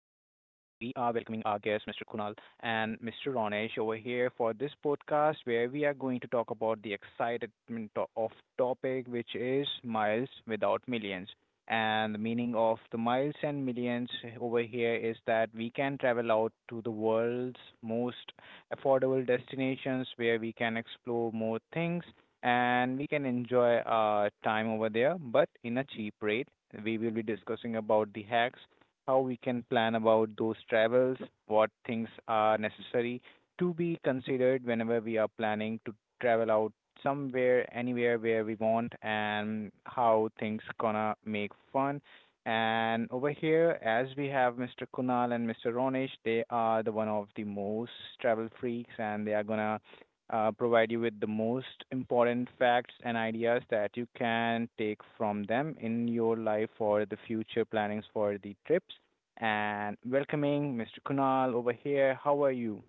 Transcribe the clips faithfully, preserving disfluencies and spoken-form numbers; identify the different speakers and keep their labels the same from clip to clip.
Speaker 1: are welcoming our guests, Mister Kunal and Mister Ronesh, over here for this podcast where we are going to talk about the excitement to- of topic, which is miles without millions. And the meaning of the miles and millions over here is that we can travel out to the world's most affordable destinations where we can explore more things and we can enjoy our time over there, but in a cheap rate. We will be discussing about the hacks, how we can plan about those travels, what things are necessary to be considered whenever we are planning to travel out somewhere, anywhere where we want, and how things gonna make fun. And over here, as we have Mister Kunal and Mister Ronesh, they are the one of the most travel freaks, and they are gonna uh, provide you with the most important facts and ideas that you can take from them in your life for the future plannings for the trips. And welcoming Mister Kunal over here. How are you?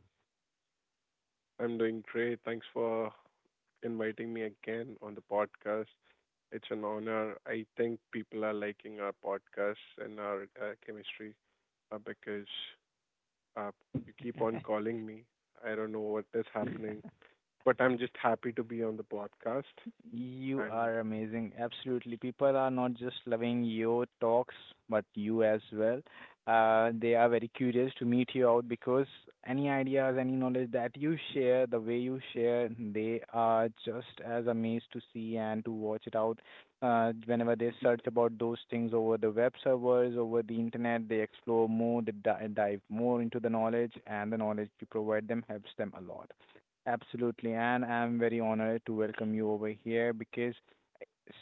Speaker 2: I'm doing great. Thanks for inviting me again on the podcast. It's an honor. I think people are liking our podcast and our uh, chemistry uh, because uh, you keep on calling me. I don't know what is happening, but I'm just happy to be on the podcast.
Speaker 1: You
Speaker 2: And
Speaker 1: are amazing. Absolutely. People are not just loving your talks, but you as well. Uh, they are very curious to meet you out because any ideas, any knowledge that you share, the way you share, they are just as amazed to see and to watch it out. Uh, whenever they search about those things over the web servers, over the internet, they explore more, they di- dive more into the knowledge, and the knowledge you provide them helps them a lot. Absolutely, and I'm very honored to welcome you over here because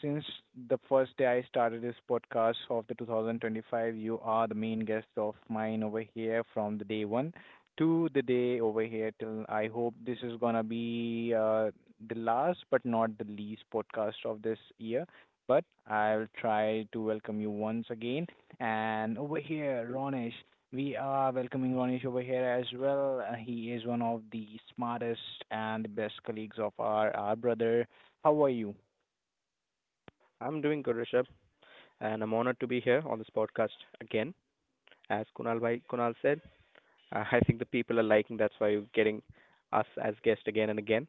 Speaker 1: since the first day I started this podcast of the two thousand twenty-five, you are the main guest of mine over here from the day one to the day over here till I hope this is gonna be uh, the last but not the least podcast of this year. But I'll try to welcome you once again. And over here, Ronish, we are welcoming Ronish over here as well. Uh, he is one of the smartest and best colleagues of our, our brother. How are you?
Speaker 3: I'm doing good, Rishabh, and I'm honored to be here on this podcast again. As Kunal bhai, Kunal said, uh, I think the people are liking. That's why you're getting us as guests again and again.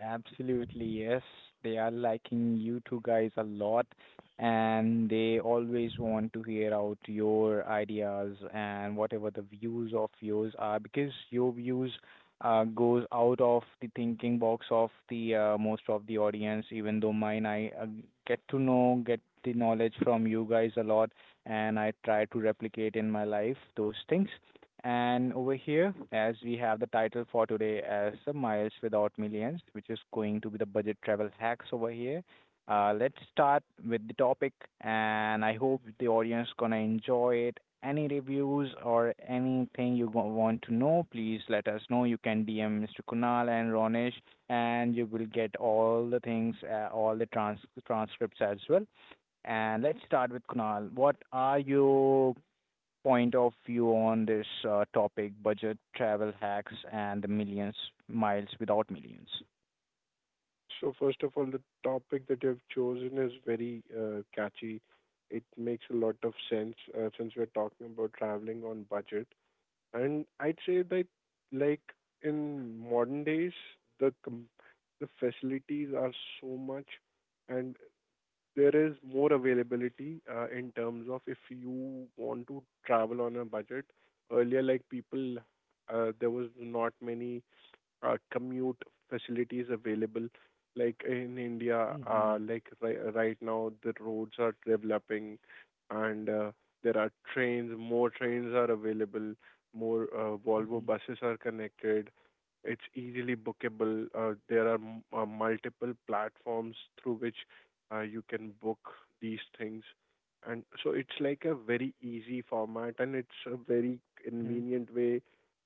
Speaker 1: Absolutely, yes. They are liking you two guys a lot and they always want to hear out your ideas and whatever the views of yours are because your views uh, goes out of the thinking box of the uh, most of the audience even though mine I uh, get to know get the knowledge from you guys a lot, and I try to replicate in my life those things. And over here, as we have the title for today as Some Miles Without Millions, which is going to be the budget travel hacks over here. Uh, let's start with the topic, and I hope the audience gonna enjoy it. Any reviews or anything you wa- want to know, please let us know. You can D M Mister Kunal and Ronesh, and you will get all the things, uh, all the trans- transcripts as well. And let's start with Kunal. What are your point of view on this uh, topic budget travel hacks and the millions miles without millions.
Speaker 2: so, first of all, the topic that you've chosen is very uh, catchy. It makes a lot of sense uh, since we're talking about traveling on budget. And I'd say that like in modern days, the com- the facilities are so much, and there is more availability uh, in terms of if you want to travel on a budget. Earlier, like people, uh, there was not many uh, commute facilities available. Like in India, uh,
Speaker 1: Mhm.
Speaker 2: like ri right now, the roads are developing, and uh, there are trains, more trains are available, more uh, Volvo
Speaker 1: Mhm.
Speaker 2: buses are connected. It's easily bookable. Uh, there are m- uh, multiple platforms through which uh, you can book these things. And so it's like a very easy format, and it's a very
Speaker 1: Mhm.
Speaker 2: convenient way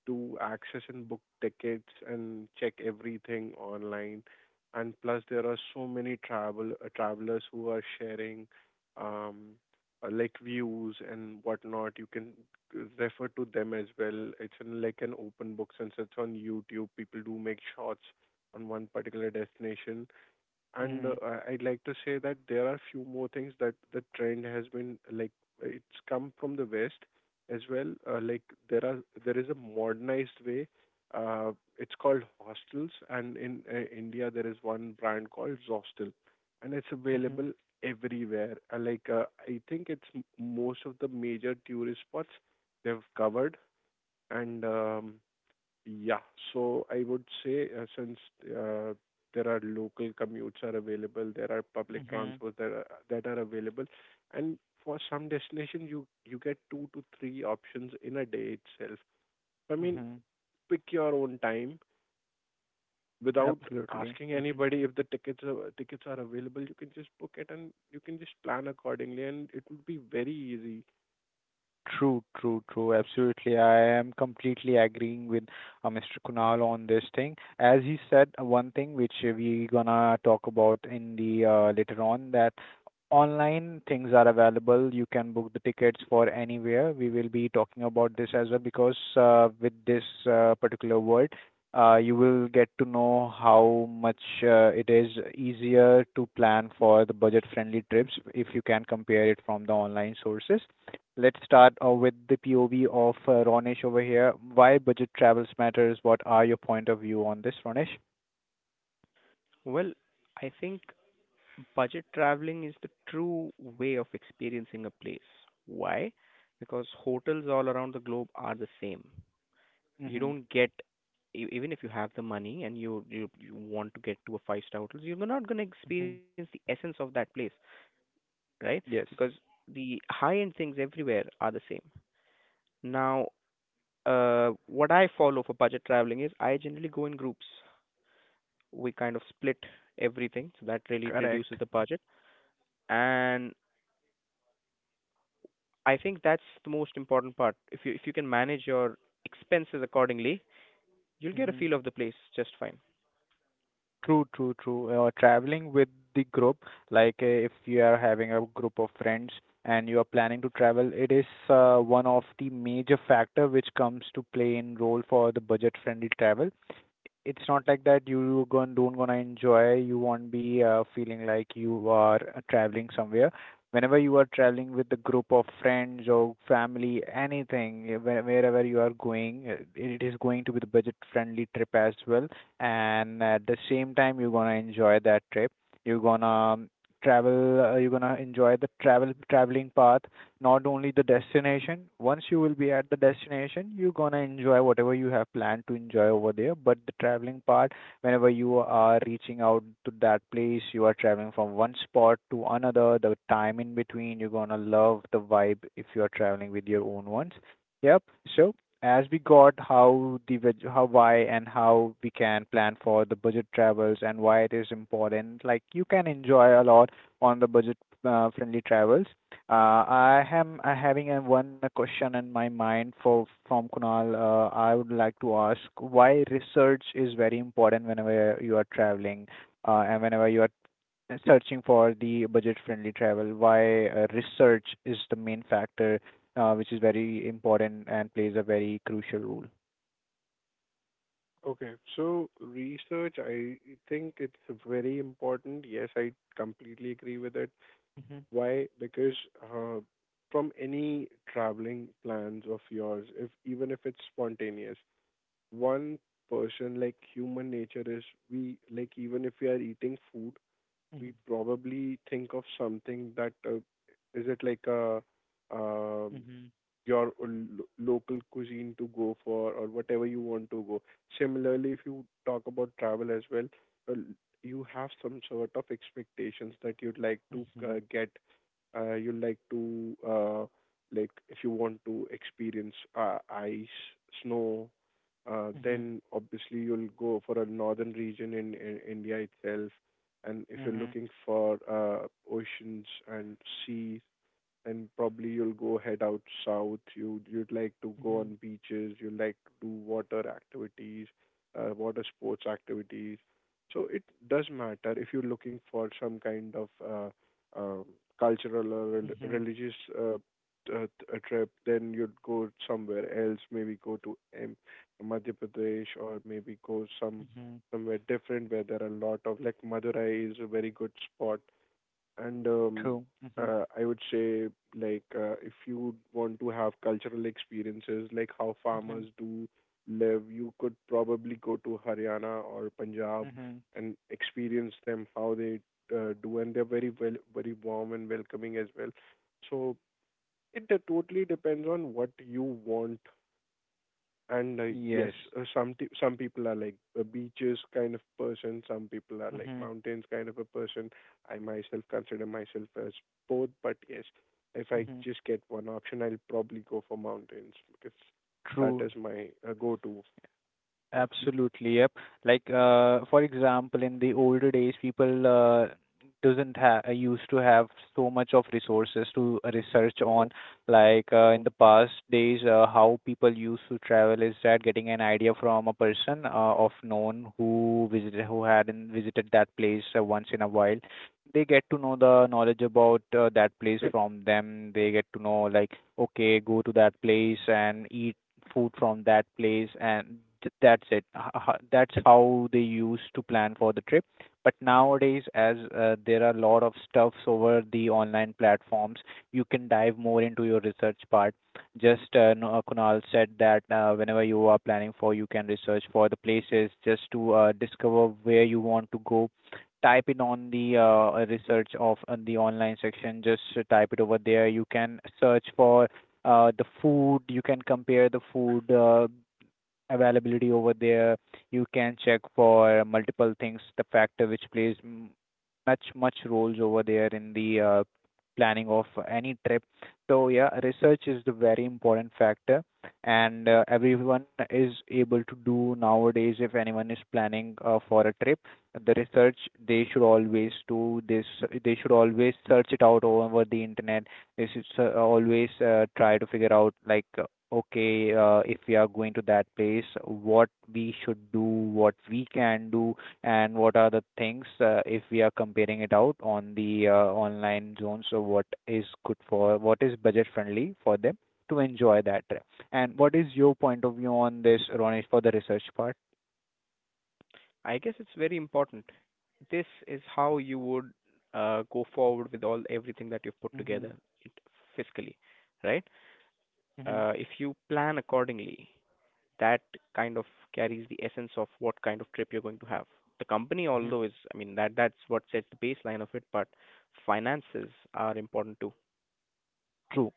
Speaker 2: to access and book tickets and check everything online. And plus, there are so many travel uh, travelers who are sharing um, uh, like views and whatnot. You can refer to them as well. It's in like an open book since it's on YouTube. People do make shots on one particular destination. And uh,
Speaker 1: Mhm.
Speaker 2: I- I'd like to say that there are few more things. That the trend has been like, it's come from the West as well. Uh, like, there are there is a modernized way. Uh, it's called hostels, and in uh, India there is one brand called Zostel, and it's
Speaker 1: Mhm.
Speaker 2: available everywhere. Uh, like, uh, I think it's m- most of the major tourist spots they've covered, and um, yeah. So I would say, uh, since uh, there are local commutes are available, there are public
Speaker 1: Mhm.
Speaker 2: transports that are, that are available, and for some destination, you you get two to three options in a day itself. I mean,
Speaker 1: Mhm.
Speaker 2: pick your own time without
Speaker 1: Absolutely,
Speaker 2: asking
Speaker 1: hmm.
Speaker 2: anybody if the tickets are, tickets are available. You can just book it, and you can just plan accordingly, and it would be very easy.
Speaker 1: True, true, true. Absolutely. I am completely agreeing with uh, Mister Kunal on this thing. As he said, uh, one thing which uh, we gonna talk about in the uh, later on, that online things are available. You can book the tickets for anywhere. We will be talking about this as well because uh, with this uh, particular word, uh, you will get to know how much uh, it is easier to plan for the budget-friendly trips if you can compare it from the online sources. Let's start uh, with the P O V of uh, Ronesh over here. Why budget travels matters? What are your point of view on this, Ronesh?
Speaker 3: Well, I think budget traveling is the true way of experiencing a place. Why? Because hotels all around the globe are the same. You
Speaker 1: Mm-hmm.
Speaker 3: don't get e- even if you have the money and you you, you want to get to a five star hotel, you're not going to
Speaker 1: Mm-hmm.
Speaker 3: experience the essence of that place, right?
Speaker 1: Yes,
Speaker 3: Because the high end things everywhere are the same. Now, uh, what I follow for budget traveling is I generally go in groups. We kind of split everything, so that really
Speaker 1: correct.
Speaker 3: reduces the budget. And I think that's the most important part. If you if you can manage your expenses accordingly, you'll get a
Speaker 1: Mm-hmm.
Speaker 3: feel of the place just fine.
Speaker 1: True, true, true. Uh, traveling with the group, like uh, if you are having a group of friends and you are planning to travel, it is uh, one of the major factor which comes to play in role for the budget-friendly travel. It's not like that you gon- don't gonna enjoy, you won't be uh, feeling like you are uh, traveling somewhere. Whenever you are traveling with a group of friends or family, anything, uh, where- wherever you are going, uh, it is going to be the budget-friendly trip as well. And at the same time, you're gonna enjoy that trip. You're gonna um, travel. Uh, you're gonna enjoy the travel traveling path, not only the destination. Once you will be at the destination, you're gonna enjoy whatever you have planned to enjoy over there. But the traveling part, whenever you are reaching out to that place, you are traveling from one spot to another, the time in between, you're gonna love the vibe if you are traveling with your own ones. Yep. So as we got how the veg- how why and how we can plan for the budget travels and why it is important, like you can enjoy a lot on the budget uh, friendly travels, uh, I am uh, having uh, one question in my mind for from Kunal. Uh, I would like to ask why research is very important whenever you are traveling, uh, and whenever you are searching for the budget-friendly travel, why uh, research is the main factor, uh, which is very important and plays a very crucial role.
Speaker 2: Okay, so research, I think it's very important. Yes, I completely agree with it.
Speaker 1: Mhm,
Speaker 2: Why? Because uh, from any traveling plans of yours, if even if it's spontaneous, one person, like, human nature is we like, even if we are eating food, we
Speaker 1: mhm,
Speaker 2: probably think of something, that uh, is it like a um
Speaker 1: mhm,
Speaker 2: your l- local cuisine to go for or whatever you want to go. Similarly, if you talk about travel as well, uh, you have some sort of expectations that you'd like to
Speaker 1: mhm,
Speaker 2: uh, get, uh, you'd like to, uh, like, if you want to experience uh, ice, snow, uh,
Speaker 1: mhm,
Speaker 2: then obviously you'll go for a northern region in, in India itself. And if you're
Speaker 1: mhm,
Speaker 2: looking for uh, oceans and seas, and probably you'll go head out south. You you'd like to go
Speaker 1: mhm,
Speaker 2: on beaches. You like to do water activities, uh, water sports activities. So it does matter if you're looking for some kind of uh, um, cultural or rel-
Speaker 1: mhm,
Speaker 2: religious uh, t- uh, t- a trip. Then you'd go somewhere else. Maybe go to M- Madhya Pradesh, or maybe go some
Speaker 1: mhm.
Speaker 2: somewhere different where there are a lot of, like, Madurai is a very good spot. And um,
Speaker 1: True. Mhm,
Speaker 2: uh, I would say, like, uh, if you want to have cultural experiences like how farmers
Speaker 1: mhm,
Speaker 2: do live, you could probably go to Haryana or Punjab
Speaker 1: mhm.
Speaker 2: and experience them, how they uh, do, and they're very well, very warm and welcoming as well. So it de- totally depends on what you want. And uh,
Speaker 1: Yes.
Speaker 2: yes, uh, some t- some people are like a beaches kind of person. Some people are like
Speaker 1: Mhm,
Speaker 2: mountains kind of a person. I myself consider myself as both, but yes, if I
Speaker 1: mhm.
Speaker 2: just get one option, I'll probably go for mountains because that
Speaker 1: True.
Speaker 2: is my uh, go-to. thing.
Speaker 1: Absolutely. Yep. Like, uh, for example, in the older days, people uh, doesn't have used to have so much of resources to research
Speaker 2: Mhm,
Speaker 1: on. Like uh, in
Speaker 2: mhm.
Speaker 1: the past days, uh, how people used to travel is that getting an idea from a person uh, of known who visited, who hadn't visited that place uh, once in a while, they get to know the knowledge about uh, that place from them. They get to know like, okay, go to that place and eat food from that place, and th- that's it. H- h- That's how they used to plan for the trip. But nowadays, as uh, there are a lot of stuffs over the online platforms, you can dive more into your research part. Just uh, no- uh, Kunal said that uh, whenever you are planning for, you can research for the places just to uh, discover where you want to go, type in on the uh, research of on the online section. Just type it over there. You can search for uh, the food. You can compare the food uh, availability over there. You can check for multiple things, the factor which plays m- much much roles over there in the uh, planning of any trip. So yeah, research is the very important factor, and uh, everyone is able to do nowadays. If anyone is planning uh, for a trip, the research they should always do this. They should always search it out over the internet. They should uh, always uh, try to figure out like, uh, okay, uh, if we are going to that place, what we should do, what we can do, and what are the things uh, if we are comparing it out on the uh, online zone. So what is good for, what is budget friendly for them to enjoy that trip. And what is your point of view on this, Ronesh, for the research part?
Speaker 3: I guess it's very important. This is how you would uh, go forward with all everything that you've put
Speaker 1: Mm-hmm.
Speaker 3: together it- fiscally, right?
Speaker 1: Mm-hmm.
Speaker 3: Uh, if you plan accordingly, that kind of carries the essence of what kind of trip you're going to have. The company,
Speaker 1: Mm-hmm.
Speaker 3: although is, I mean, that that's what sets the baseline of it, but finances are important too.
Speaker 1: True.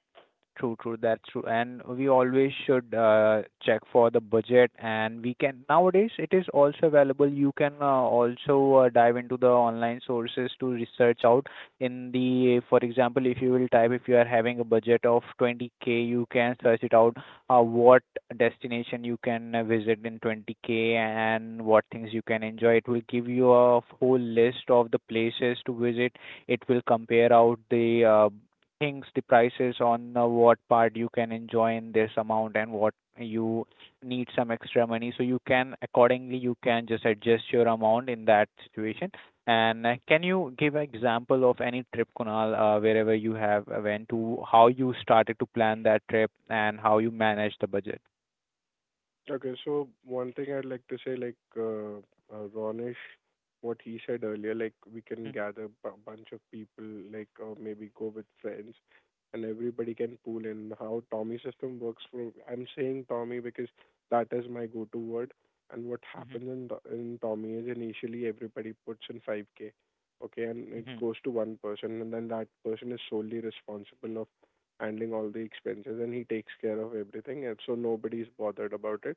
Speaker 1: True, true. That's true. And we always should uh, check for the budget. And we can, nowadays it is also available. You can uh, also uh, dive into the online sources to research out. In the, for example, if you will type if you are having a budget of twenty k, you can search it out. Uh, what destination you can uh, visit in twenty k and what things you can enjoy. It will give you a whole list of the places to visit. It will compare out the uh, things, the prices on uh, what part you can enjoy in this amount and what you need some extra money. So you can accordingly, you can just adjust your amount in that situation. And uh, can you give an example of any trip, Kunal, uh, wherever you have uh, went to, how you started to plan that trip and how you managed the budget?
Speaker 2: Okay, so one thing I'd like to say, like, uh, uh, Ronish, what he said earlier, like, we can gather a bunch of people, like, or maybe go with friends, and everybody can pool in. How Tommy system works, for I'm saying Tommy because that is my go-to word. And what
Speaker 1: Mm-hmm.
Speaker 2: happens in Th- in Tommy is initially everybody puts in five k, okay, and it
Speaker 1: Mm-hmm.
Speaker 2: goes to one person, and then that person is solely responsible of handling all the expenses, and he takes care of everything, and so nobody's bothered about it.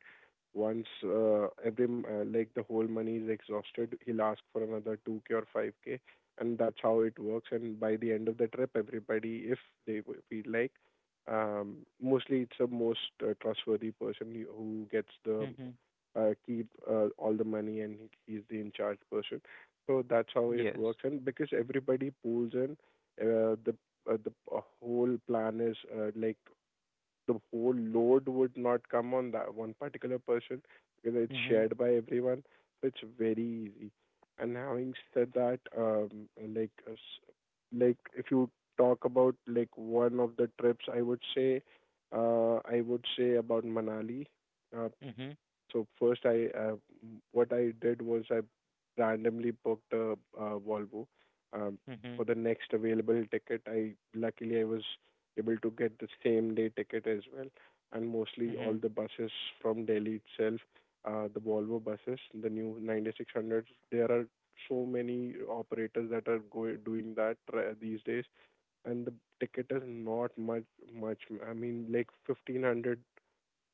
Speaker 2: Once uh, every m- uh, like, the whole money is exhausted, he'll ask for another two k or five k, and that's how it works. And by the end of the trip, everybody, if they w- feel like, um, mostly it's the most uh, trustworthy person who who gets the
Speaker 1: Mm-hmm.
Speaker 2: uh, keep uh, all the money, and he- he's the in charge person. So that's how it
Speaker 1: Yes.
Speaker 2: works. And because everybody pulls in, uh, the uh, the p- uh, whole plan is, uh, like, the whole load would not come on that one particular person because it's
Speaker 1: Mhm,
Speaker 2: shared by everyone. So it's very easy. And having said that, um, like uh, s- like, if you talk about, like, one of the trips, I would say, uh, I would say about Manali. Uh,
Speaker 1: mhm,
Speaker 2: so first, I uh, what I did was I randomly booked a, uh Volvo. Um,
Speaker 1: mhm,
Speaker 2: for the next available ticket, I luckily I was able to get the same day ticket as well, and mostly all
Speaker 1: mhm,
Speaker 2: the buses from Delhi itself, uh, the Volvo buses, the new ninety six hundreds. There are so many operators that are go- doing that uh, these days, and the ticket is not much much. I mean, like, fifteen hundred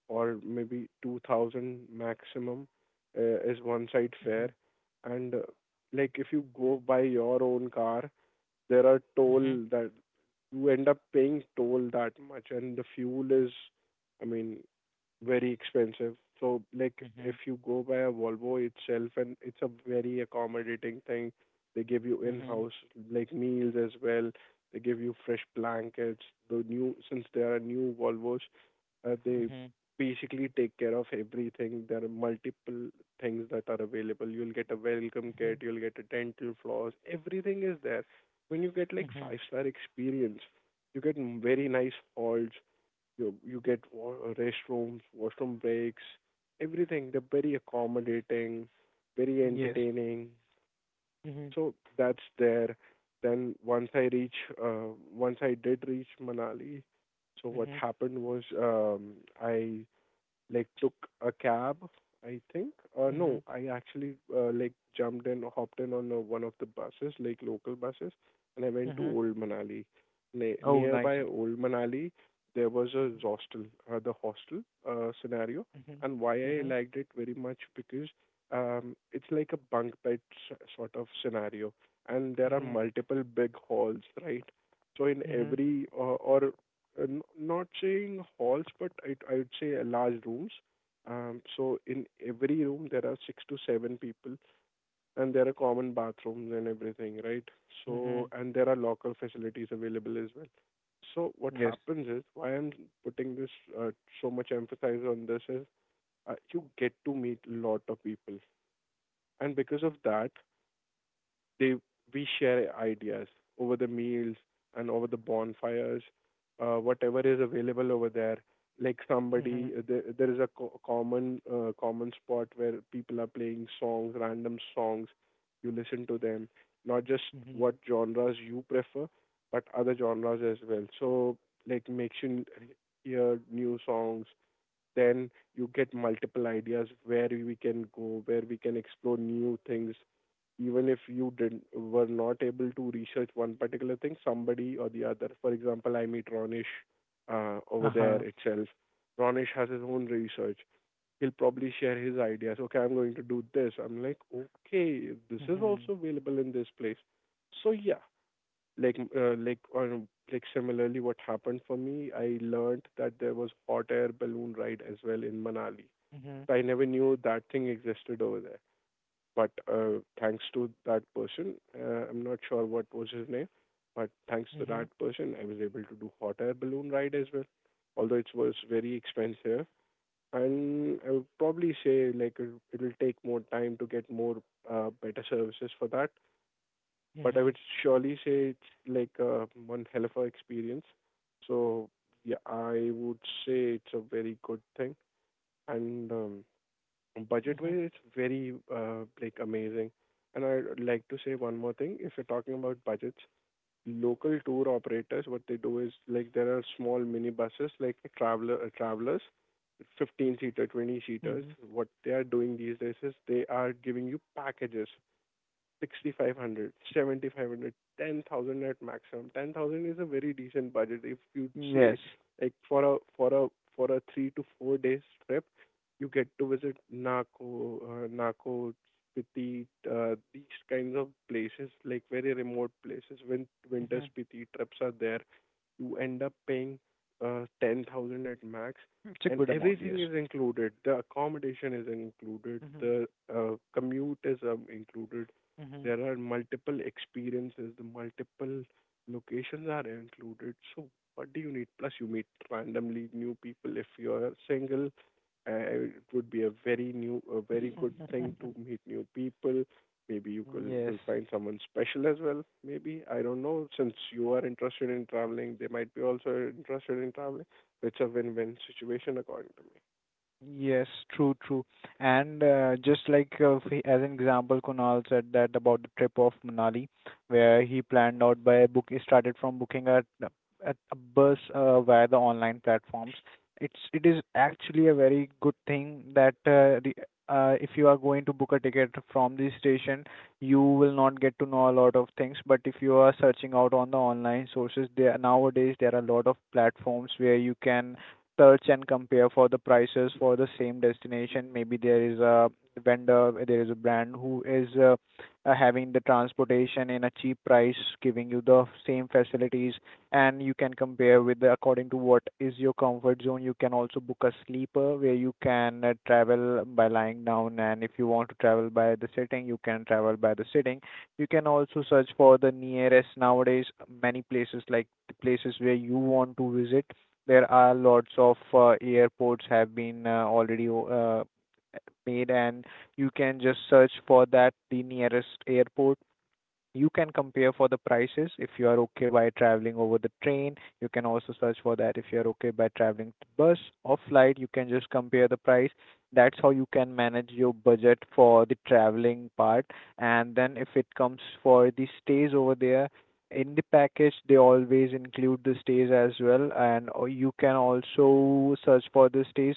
Speaker 2: or maybe two thousand maximum uh, is one side fare.
Speaker 1: mhm,
Speaker 2: And uh, like, if you go by your own car, there are
Speaker 1: mhm, mhm,
Speaker 2: toll that you end up paying, toll that much, and the fuel is, I mean, very expensive. So, like, if
Speaker 1: mhm,
Speaker 2: you go by a Volvo itself, and it's a very accommodating thing. They give you
Speaker 1: mhm,
Speaker 2: in-house, like, meals as well. They give you fresh blankets. The new Since they are new Volvos, uh, they
Speaker 1: mhm,
Speaker 2: basically take care of everything. There are multiple things that are available. You'll get a welcome kit,
Speaker 1: mhm,
Speaker 2: you'll get a dental floss, everything is there. When you get like
Speaker 1: mhm.
Speaker 2: five star experience, you get m- very nice halls, you you get wa- restrooms, washroom breaks, everything. They're very accommodating, very
Speaker 1: Yes.
Speaker 2: entertaining.
Speaker 1: Mhm.
Speaker 2: So that's there. Then once I reach, uh, once I did reach Manali, so what
Speaker 1: Mhm.
Speaker 2: happened was, um, I like took a cab, I think. Uh, no,
Speaker 1: Mhm.
Speaker 2: I actually uh, like jumped in, hopped in on uh, one of the buses, like local buses, and I went to
Speaker 1: Mhm.
Speaker 2: Old Manali. Ne-
Speaker 1: Oh, nice.
Speaker 2: nearby Old Manali, there was a
Speaker 1: Mhm.
Speaker 2: hostel, uh, the hostel uh, scenario,
Speaker 1: Mhm.
Speaker 2: and why I
Speaker 1: Mhm.
Speaker 2: liked it very much, because, um, it's like a bunk bed s- sort of scenario, and there are
Speaker 1: Mhm.
Speaker 2: multiple big halls, right? So in
Speaker 1: Mhm.
Speaker 2: every uh, or, uh, n- not saying halls, but I I would say uh, large rooms. Um, so in every room there are six to seven people, and there are common bathrooms and everything, right? So
Speaker 1: Mhm.
Speaker 2: and there are locker facilities available as well. So what
Speaker 1: Yes.
Speaker 2: happens is, why I'm putting this uh, so much emphasis on this is, uh, you get to meet a lot of people, and because of that, they we share ideas over the meals and over the bonfires, uh, whatever is available over there, like,
Speaker 1: Mhm.
Speaker 2: somebody there, there is a co- common uh, common spot where people are playing songs, random songs. You listen to them, not just
Speaker 1: Mhm.
Speaker 2: what genres you prefer, but other genres as well. So, like, makes you n- hear new songs. Then you get multiple ideas where we can go, where we can explore new things. Even if you didn't, were not able to research one particular thing, somebody or the other. For example, I meet Ronish uh, over there
Speaker 1: Uh-huh.
Speaker 2: itself. Ronish has his own research. He'll probably share his ideas. Okay, I'm going to do this. I'm like, okay, this is
Speaker 1: Mhm.
Speaker 2: also available in this place. So yeah, like, uh, like, on, like, similarly, what happened for me, I learned that there was hot air balloon ride as well in Manali.
Speaker 1: Mhm.
Speaker 2: So I never knew that thing existed over there, but uh, thanks to that person, uh, I'm not sure what was his name, but thanks to that
Speaker 1: Mhm.
Speaker 2: person I was able to do hot air balloon ride as well. Although it was very expensive, and I would probably say, like, it will take more time to get more uh, better services for that. But I
Speaker 1: Mhm.
Speaker 2: would surely say it's like, uh, one hell of a experience. So yeah, I would say it's a very good thing, and um, budget
Speaker 1: Mhm.
Speaker 2: wise, it's very uh, like amazing. And I'd like to say one more thing. If you're talking about budgets, local tour operators, what they do is, like, there are small mini buses, like traveler uh, travelers, fifteen seater, twenty seaters.
Speaker 1: Mhm.
Speaker 2: What they are doing these days is they are giving you packages: Sixty five hundred, seventy five hundred, ten thousand at maximum. ten thousand is a very decent budget if you say,
Speaker 1: Yes.
Speaker 2: like, for a for a for a three to four days trip, you get to visit Naco, uh, Naco Spiti, uh, these kinds of places, like, very remote places. When winter
Speaker 1: Mhm.
Speaker 2: Spiti trips are there, you end up paying uh, ten thousand at max,
Speaker 1: It's a
Speaker 2: and
Speaker 1: good amount,
Speaker 2: everything
Speaker 1: yes.
Speaker 2: is included, the accommodation is included,
Speaker 1: Mhm.
Speaker 2: the uh, commute is, um, included,
Speaker 1: Mhm.
Speaker 2: there are multiple experiences, the multiple locations are included. So what do you need? Plus, you meet randomly new people. If you are single, uh, it would be a very new, a very good thing to meet new people. Maybe you could
Speaker 1: Yes.
Speaker 2: you'll find someone special as well. Maybe I don't know. Since you are interested in traveling, they might be also interested in traveling. It's a win-win situation according to me.
Speaker 1: Yes, true, true. And uh, just like uh, f- as an example, Kunal said that about the trip of Manali, where he planned out by book. He started from booking a a, a bus uh, via the online platforms. It's it is actually a very good thing that uh, the uh, if you are going to book a ticket from the station, you will not get to know a lot of things. But if you are searching out on the online sources, there nowadays there are a lot of platforms where you can search and compare for the prices for the same destination. Maybe there is a vendor, there is a brand who is uh, uh, having the transportation in a cheap price, giving you the same facilities, and you can compare with the, according to what is your comfort zone. You can also book a sleeper where you can uh, travel by lying down, and if you want to travel by the sitting, you can travel by the sitting. You can also search for the nearest nowadays many places like the places where you want to visit, there are lots of uh, airports have been uh, already uh, made, and you can just search for that the nearest airport. You can compare for the prices if you are okay by traveling over the train. You can also search for that if you are okay by traveling to bus or flight. You can just compare the price. That's how you can manage your budget for the traveling part. And then if it comes for the stays over there, in the package they always include the stays as well, and or you can also search for the stays.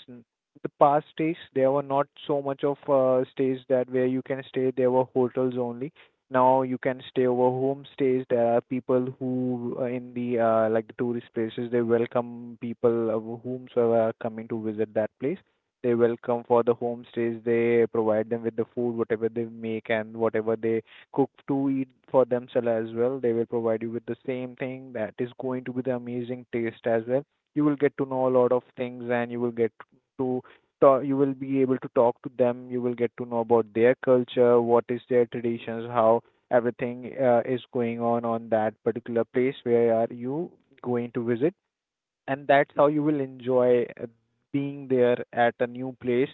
Speaker 1: The past stays, there were not so much of uh, stays that where you can stay, there were hotels only. Now you can stay over homestays. There are people who uh, in the uh, like the tourist places, they welcome people uh, whomsoever are coming to visit that place. They welcome for the homestays. They provide them with the food, whatever they make and whatever they cook to eat for themselves as well. They will provide you with the same thing that is going to be the amazing taste as well. You will get to know a lot of things, and you will get to ta- you will be able to talk to them. You will get to know about their culture, what is their traditions, how everything uh, is going on on that particular place where are you going to visit. And that's how you will enjoy uh, being there at a new place.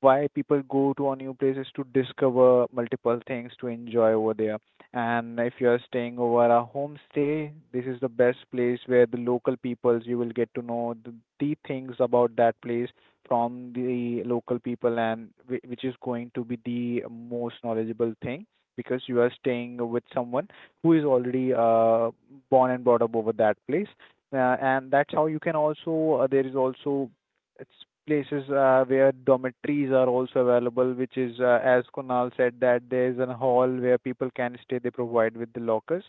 Speaker 1: Why people go to a new place is to discover multiple things, to enjoy over there. And if you are staying over a homestay, this is the best place where the local peoples, you will get to know the, the things about that place from the local people, and whi- which is going to be the most knowledgeable thing because you are staying with someone who is already uh, born and brought up over that place. Uh, and that's how you can also uh, there is also it's places uh, where dormitories are also available, which is, uh, as Kunal said, that there is a hall where people can stay. They provide with the lockers.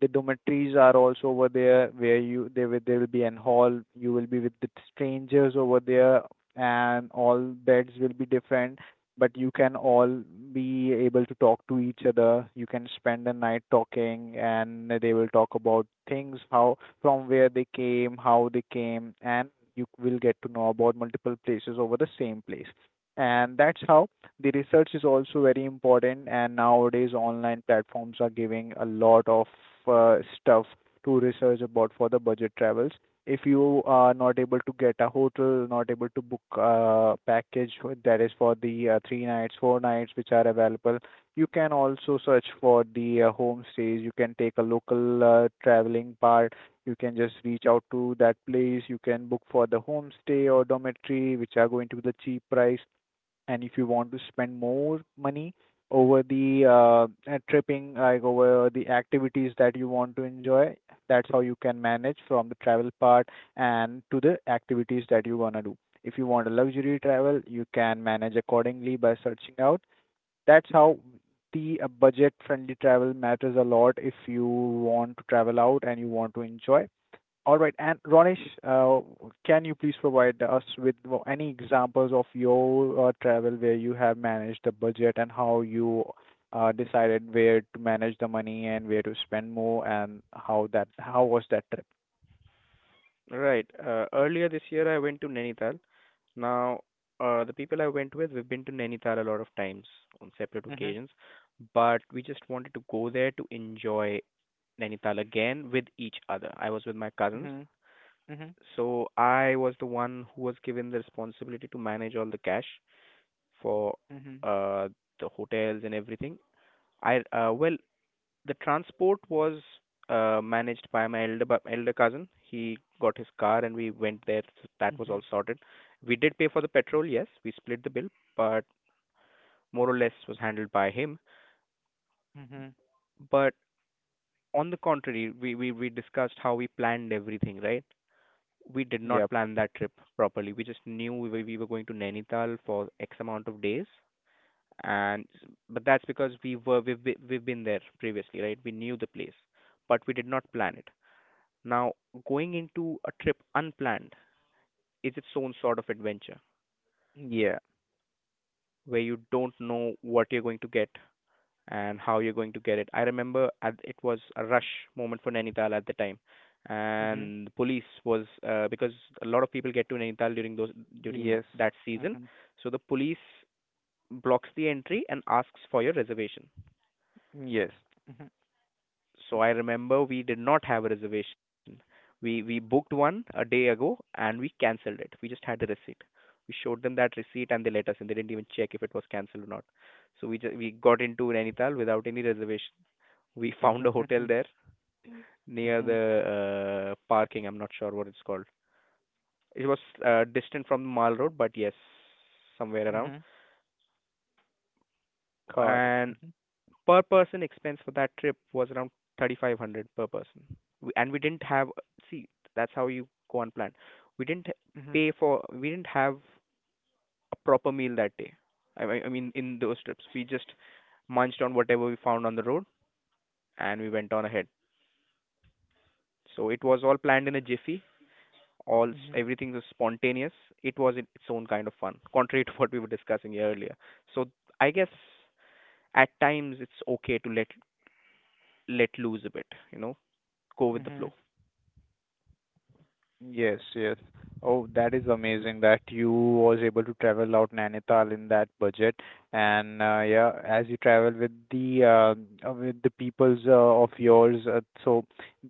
Speaker 1: The dormitories are also over there, where you there will there will be an hall. You will be with the strangers over there, and all beds will be different, but you can all be able to talk to each other. You can spend the night talking, and they will talk about things how from where they came, how they came, and you will get to know about multiple places over the same place. And that's how the research is also very important, and nowadays online platforms are giving a lot of uh, stuff to research about for the budget travels. If you are not able to get a hotel, not able to book a package that is for the uh, three nights, four nights, which are available, you can also search for the uh, homestays. You can take a local uh, traveling part. You can just reach out to that place. You can book for the homestay or dormitory, which are going to be the cheap price. And if you want to spend more money over the uh, uh, tripping, like over the activities that you want to enjoy, that's how you can manage from the travel part and to the activities that you wanna do. If you want a luxury travel, you can manage accordingly by searching out. That's how the uh, budget-friendly travel matters a lot if you want to travel out and you want to enjoy. All right. And Ronesh, uh, can you please provide us with any examples of your uh, travel where you have managed the budget and how you uh, decided where to manage the money and where to spend more, and how that how was that trip?
Speaker 3: Right. Uh, earlier this year, I went to Nainital. Now, uh, the people I went with, we've been to Nainital a lot of times on separate
Speaker 1: Mhm.
Speaker 3: occasions, but we just wanted to go there to enjoy Nainital again with each other. I was with my cousins.
Speaker 1: Mhm. Mhm.
Speaker 3: So I was the one who was given the responsibility to manage all the cash for
Speaker 1: Mhm.
Speaker 3: uh, the hotels and everything. I uh, well, the transport was uh, managed by my elder bu- elder cousin. He got his car and we went there. So that was all
Speaker 1: Mhm.
Speaker 3: sorted. We did pay for the petrol, yes, we split the bill, but more or less was handled by him.
Speaker 1: Mhm.
Speaker 3: But on the contrary, we we, we discussed how we planned everything, right? We did not
Speaker 1: Yep.
Speaker 3: plan that trip properly. We just knew we were, we were going to Nainital for X amount of days, and but that's because we were we've be- we've been there previously, right? We knew the place, but we did not plan it. Now, going into a trip unplanned is its own sort of adventure,
Speaker 1: Yeah.
Speaker 3: where you don't know what you're going to get, and how you're going to get it. I remember at, it was a rush moment for Nainital at the time,
Speaker 1: Mhm.
Speaker 3: and the police was uh, because a lot of people get to Nainital during those during
Speaker 1: Yes.
Speaker 3: that season,
Speaker 1: Mhm.
Speaker 3: so the police blocks the entry and asks for your reservation.
Speaker 1: Yes. Mhm.
Speaker 3: So I remember we did not have a reservation. We we booked one a day ago and we cancelled it. We just had the receipt. We showed them that receipt and they let us in. They didn't even check if it was cancelled or not. So we just we got into Nainital without any reservation. We found a hotel
Speaker 1: Mhm.
Speaker 3: there near
Speaker 1: Mhm.
Speaker 3: the uh, parking. I'm not sure what it's called. It was uh, distant from the mall road, but yes, somewhere around.
Speaker 1: Mhm. Got it.
Speaker 3: And
Speaker 1: Mhm.
Speaker 3: per person expense for that trip was around three thousand five hundred per person. We- And we didn't have, see, that's how you go on plan. We didn't
Speaker 1: Mhm.
Speaker 3: pay for, we didn't have a proper meal that day. I, I I mean, in those trips, we just munched on whatever we found on the road and we went on ahead. So it was all planned in a jiffy, all s-
Speaker 1: Mhm.
Speaker 3: everything was spontaneous. It was in its own kind of fun, contrary to what we were discussing earlier. So I guess at times it's okay to let let loose a bit, you know, go with the
Speaker 1: Mhm.
Speaker 3: flow.
Speaker 1: Yes, yes. Oh, that is amazing that you was able to travel out Nainital in that budget. And uh, yeah, as you travel with the uh, uh, with the peoples uh, of yours, uh, so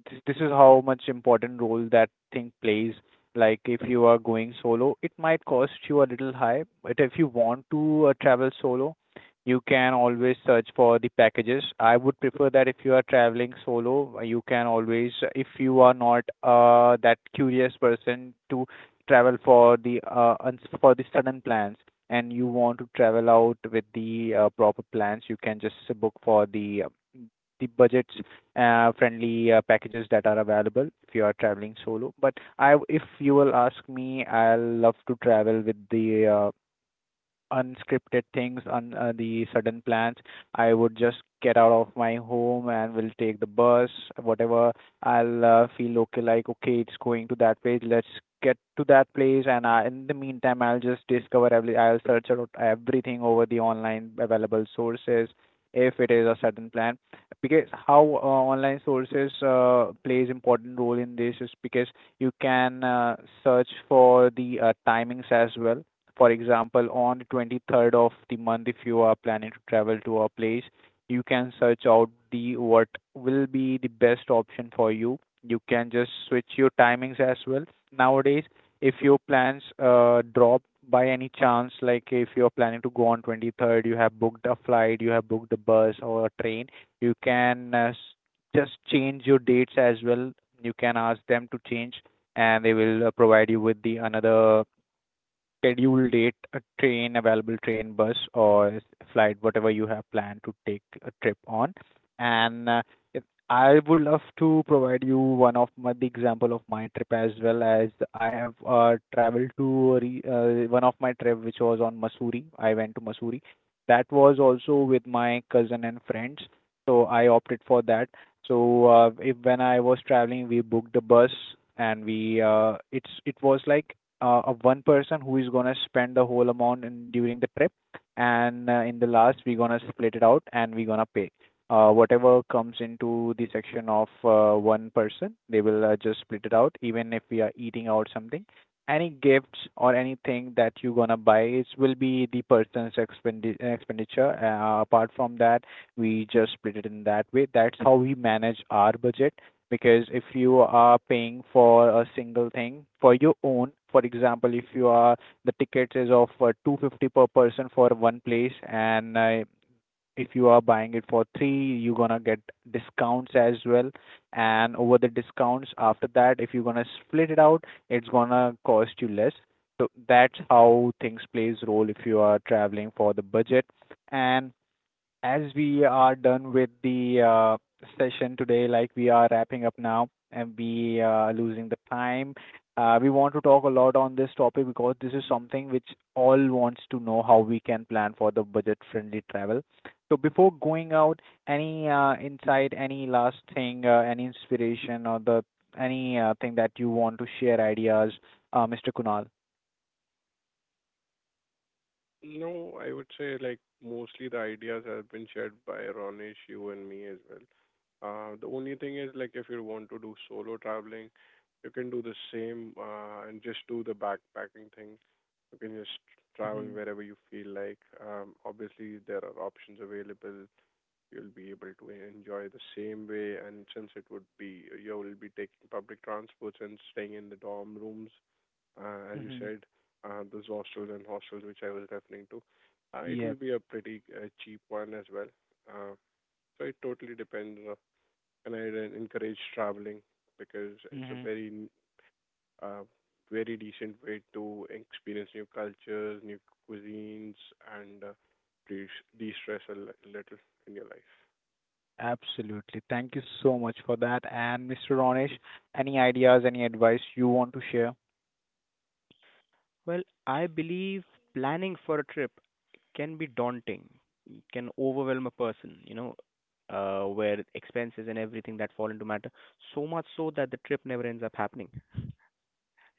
Speaker 1: th- this is how much important role that thing plays. Like if you are going solo, it might cost you a little high, but if you want to uh, travel solo, you can always search for the packages. I would prefer that if you are traveling solo, you can always, if you are not uh, that curious person to travel for the uh, uns- for the sudden plans, and you want to travel out with the uh, proper plans, you can just book for the uh, the budgets uh, friendly uh, packages that are available if you are traveling solo. But I, if you will ask me, I'll love to travel with the uh, unscripted things on uh, the sudden plans. I would just get out of my home and will take the bus, whatever. I'll uh, feel okay, like okay, it's going to that place. Let's get to that place, and I, in the meantime, I'll just discover every. I'll search out everything over the online available sources if it is a sudden plan, because how uh, online sources uh, plays important role in this is because you can uh, search for the uh, timings as well. For example, on the twenty third of the month, if you are planning to travel to a place, you can search out the what will be the best option for you. You can just switch your timings as well. Nowadays, if your plans uh, drop by any chance, like if you're planning to go on twenty third, you have booked a flight, you have booked a bus or a train, you can uh, s- just change your dates as well. You can ask them to change, and they will uh, provide you with the another schedule date, a train, available train, bus, or flight, whatever you have planned to take a trip on. And uh, if- I would love to provide you one of my, the example of my trip as well, as I have uh, traveled to a re, uh, one of my trip which was on Missouri. I went to Missouri. That was also with my cousin and friends. So I opted for that. So uh, if when I was traveling, we booked a bus, and we uh, it's it was like uh, of one person who is gonna spend the whole amount in, during the trip, and uh, in the last we're gonna split it out and we're gonna pay. Uh, whatever comes into the section of uh, one person, they will uh, just split it out. Even if we are eating out something, any gifts or anything that you're gonna buy, it will be the person's expendi- expenditure. Uh, apart from that, we just split it in that way. That's how we manage our budget. Because if you are paying for a single thing for your own, for example, if you are the tickets is of uh, two hundred fifty per person for one place, and uh, if you are buying it for three, you're going to get discounts as well, and over the discounts after that, if you're going to split it out, it's going to cost you less. So that's how things plays role if you are traveling for the budget. And as we are done with the uh, session today, like we are wrapping up now and we are losing the time, uh, we want to talk a lot on this topic because this is something which all wants to know how we can plan for the budget-friendly travel. So before going out, any uh, insight, any last thing, uh, any inspiration or the any uh, thing that you want to share ideas, uh, mister Kunal?
Speaker 2: No, I would say, like, mostly the ideas have been shared by Ronesh, you, and me as well. Uh, the only thing is, like, if you want to do solo traveling, you can do the same, uh, and just do the backpacking thing. You can just travel
Speaker 1: Mm-hmm.
Speaker 2: wherever you feel like. Um, obviously, there are options available. You'll be able to enjoy the same way, and since it would be you will be taking public transports and staying in the dorm rooms, uh, as you
Speaker 1: Mm-hmm.
Speaker 2: said, uh, those hostels and hostels which I was referring to, uh, it will
Speaker 1: Yep.
Speaker 2: be a pretty uh, cheap one as well. Uh, so it totally depends on, and I then encourage traveling because it's a
Speaker 1: Mm-hmm.
Speaker 2: very n- uh, very decent way to experience new cultures, new cuisines, and uh, de- de-stress a li- little in your life.
Speaker 1: Absolutely. Thank you so much for that. And mister Ronesh, any ideas, any advice you want to share?
Speaker 3: Well, I believe planning for a trip can be daunting, can overwhelm a person, you know, uh, where expenses and everything that fall into matter, so much so that the trip never ends up happening.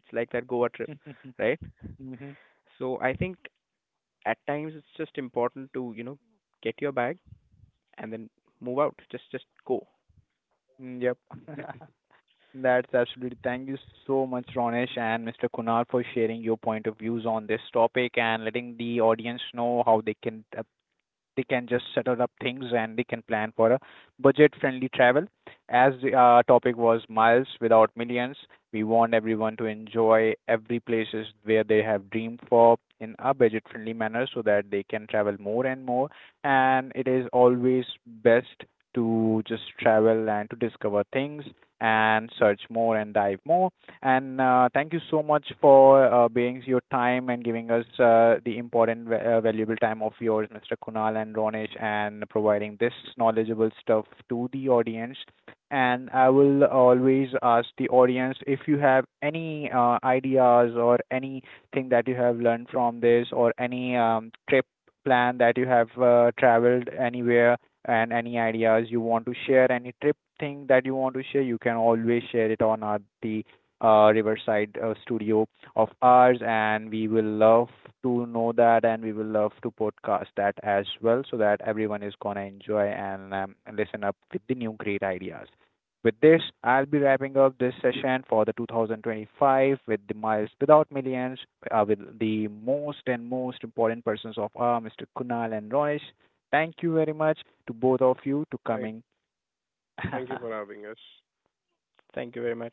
Speaker 3: It's like that Goa trip, right?
Speaker 1: Hmm.
Speaker 3: So I think at times it's just important to, you know, get your bag, and then move out. Just just go.
Speaker 1: Yep. That's absolutely. Thank you so much, Ronesh and mister Kunal, for sharing your point of views on this topic and letting the audience know how they can uh, they can just settle up things and they can plan for a budget-friendly travel. As the uh, topic was Miles Without Millions, we want everyone to enjoy every places where they have dreamed for in a budget-friendly manner so that they can travel more and more. And it is always best to just travel and to discover things and search more and dive more. And uh, thank you so much for uh, being your time and giving us uh, the important, va- uh, valuable time of yours, mister Kunal and Ronesh, and providing this knowledgeable stuff to the audience. And I will always ask the audience, if you have any uh, ideas or anything that you have learned from this, or any um, trip plan that you have uh, traveled anywhere, and any ideas you want to share, any trip thing that you want to share, you can always share it on our, the uh, Riverside uh, studio of ours, and we will love to know that, and we will love to podcast that as well, so that everyone is gonna enjoy and um, listen up with the new great ideas. With this, I'll be wrapping up this session for the two thousand twenty-five with the Miles Without Millions, uh, with the most and most important persons of our mister Kunal and Ronesh. Thank you very much to both of you to
Speaker 2: Thank,
Speaker 1: coming.
Speaker 2: Thank you for having us.
Speaker 3: Thank you very much.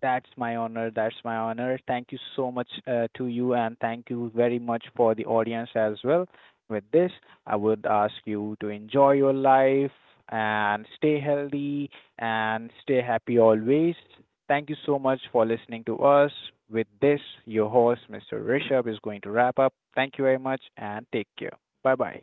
Speaker 1: That's my honor. That's my honor. Thank you so much uh, to you, and thank you very much for the audience as well. With this, I would ask you to enjoy your life and stay healthy and stay happy always. Thank you so much for listening to us. With this, your host, mister Rishabh, is going to wrap up. Thank you very much and take care. Bye bye.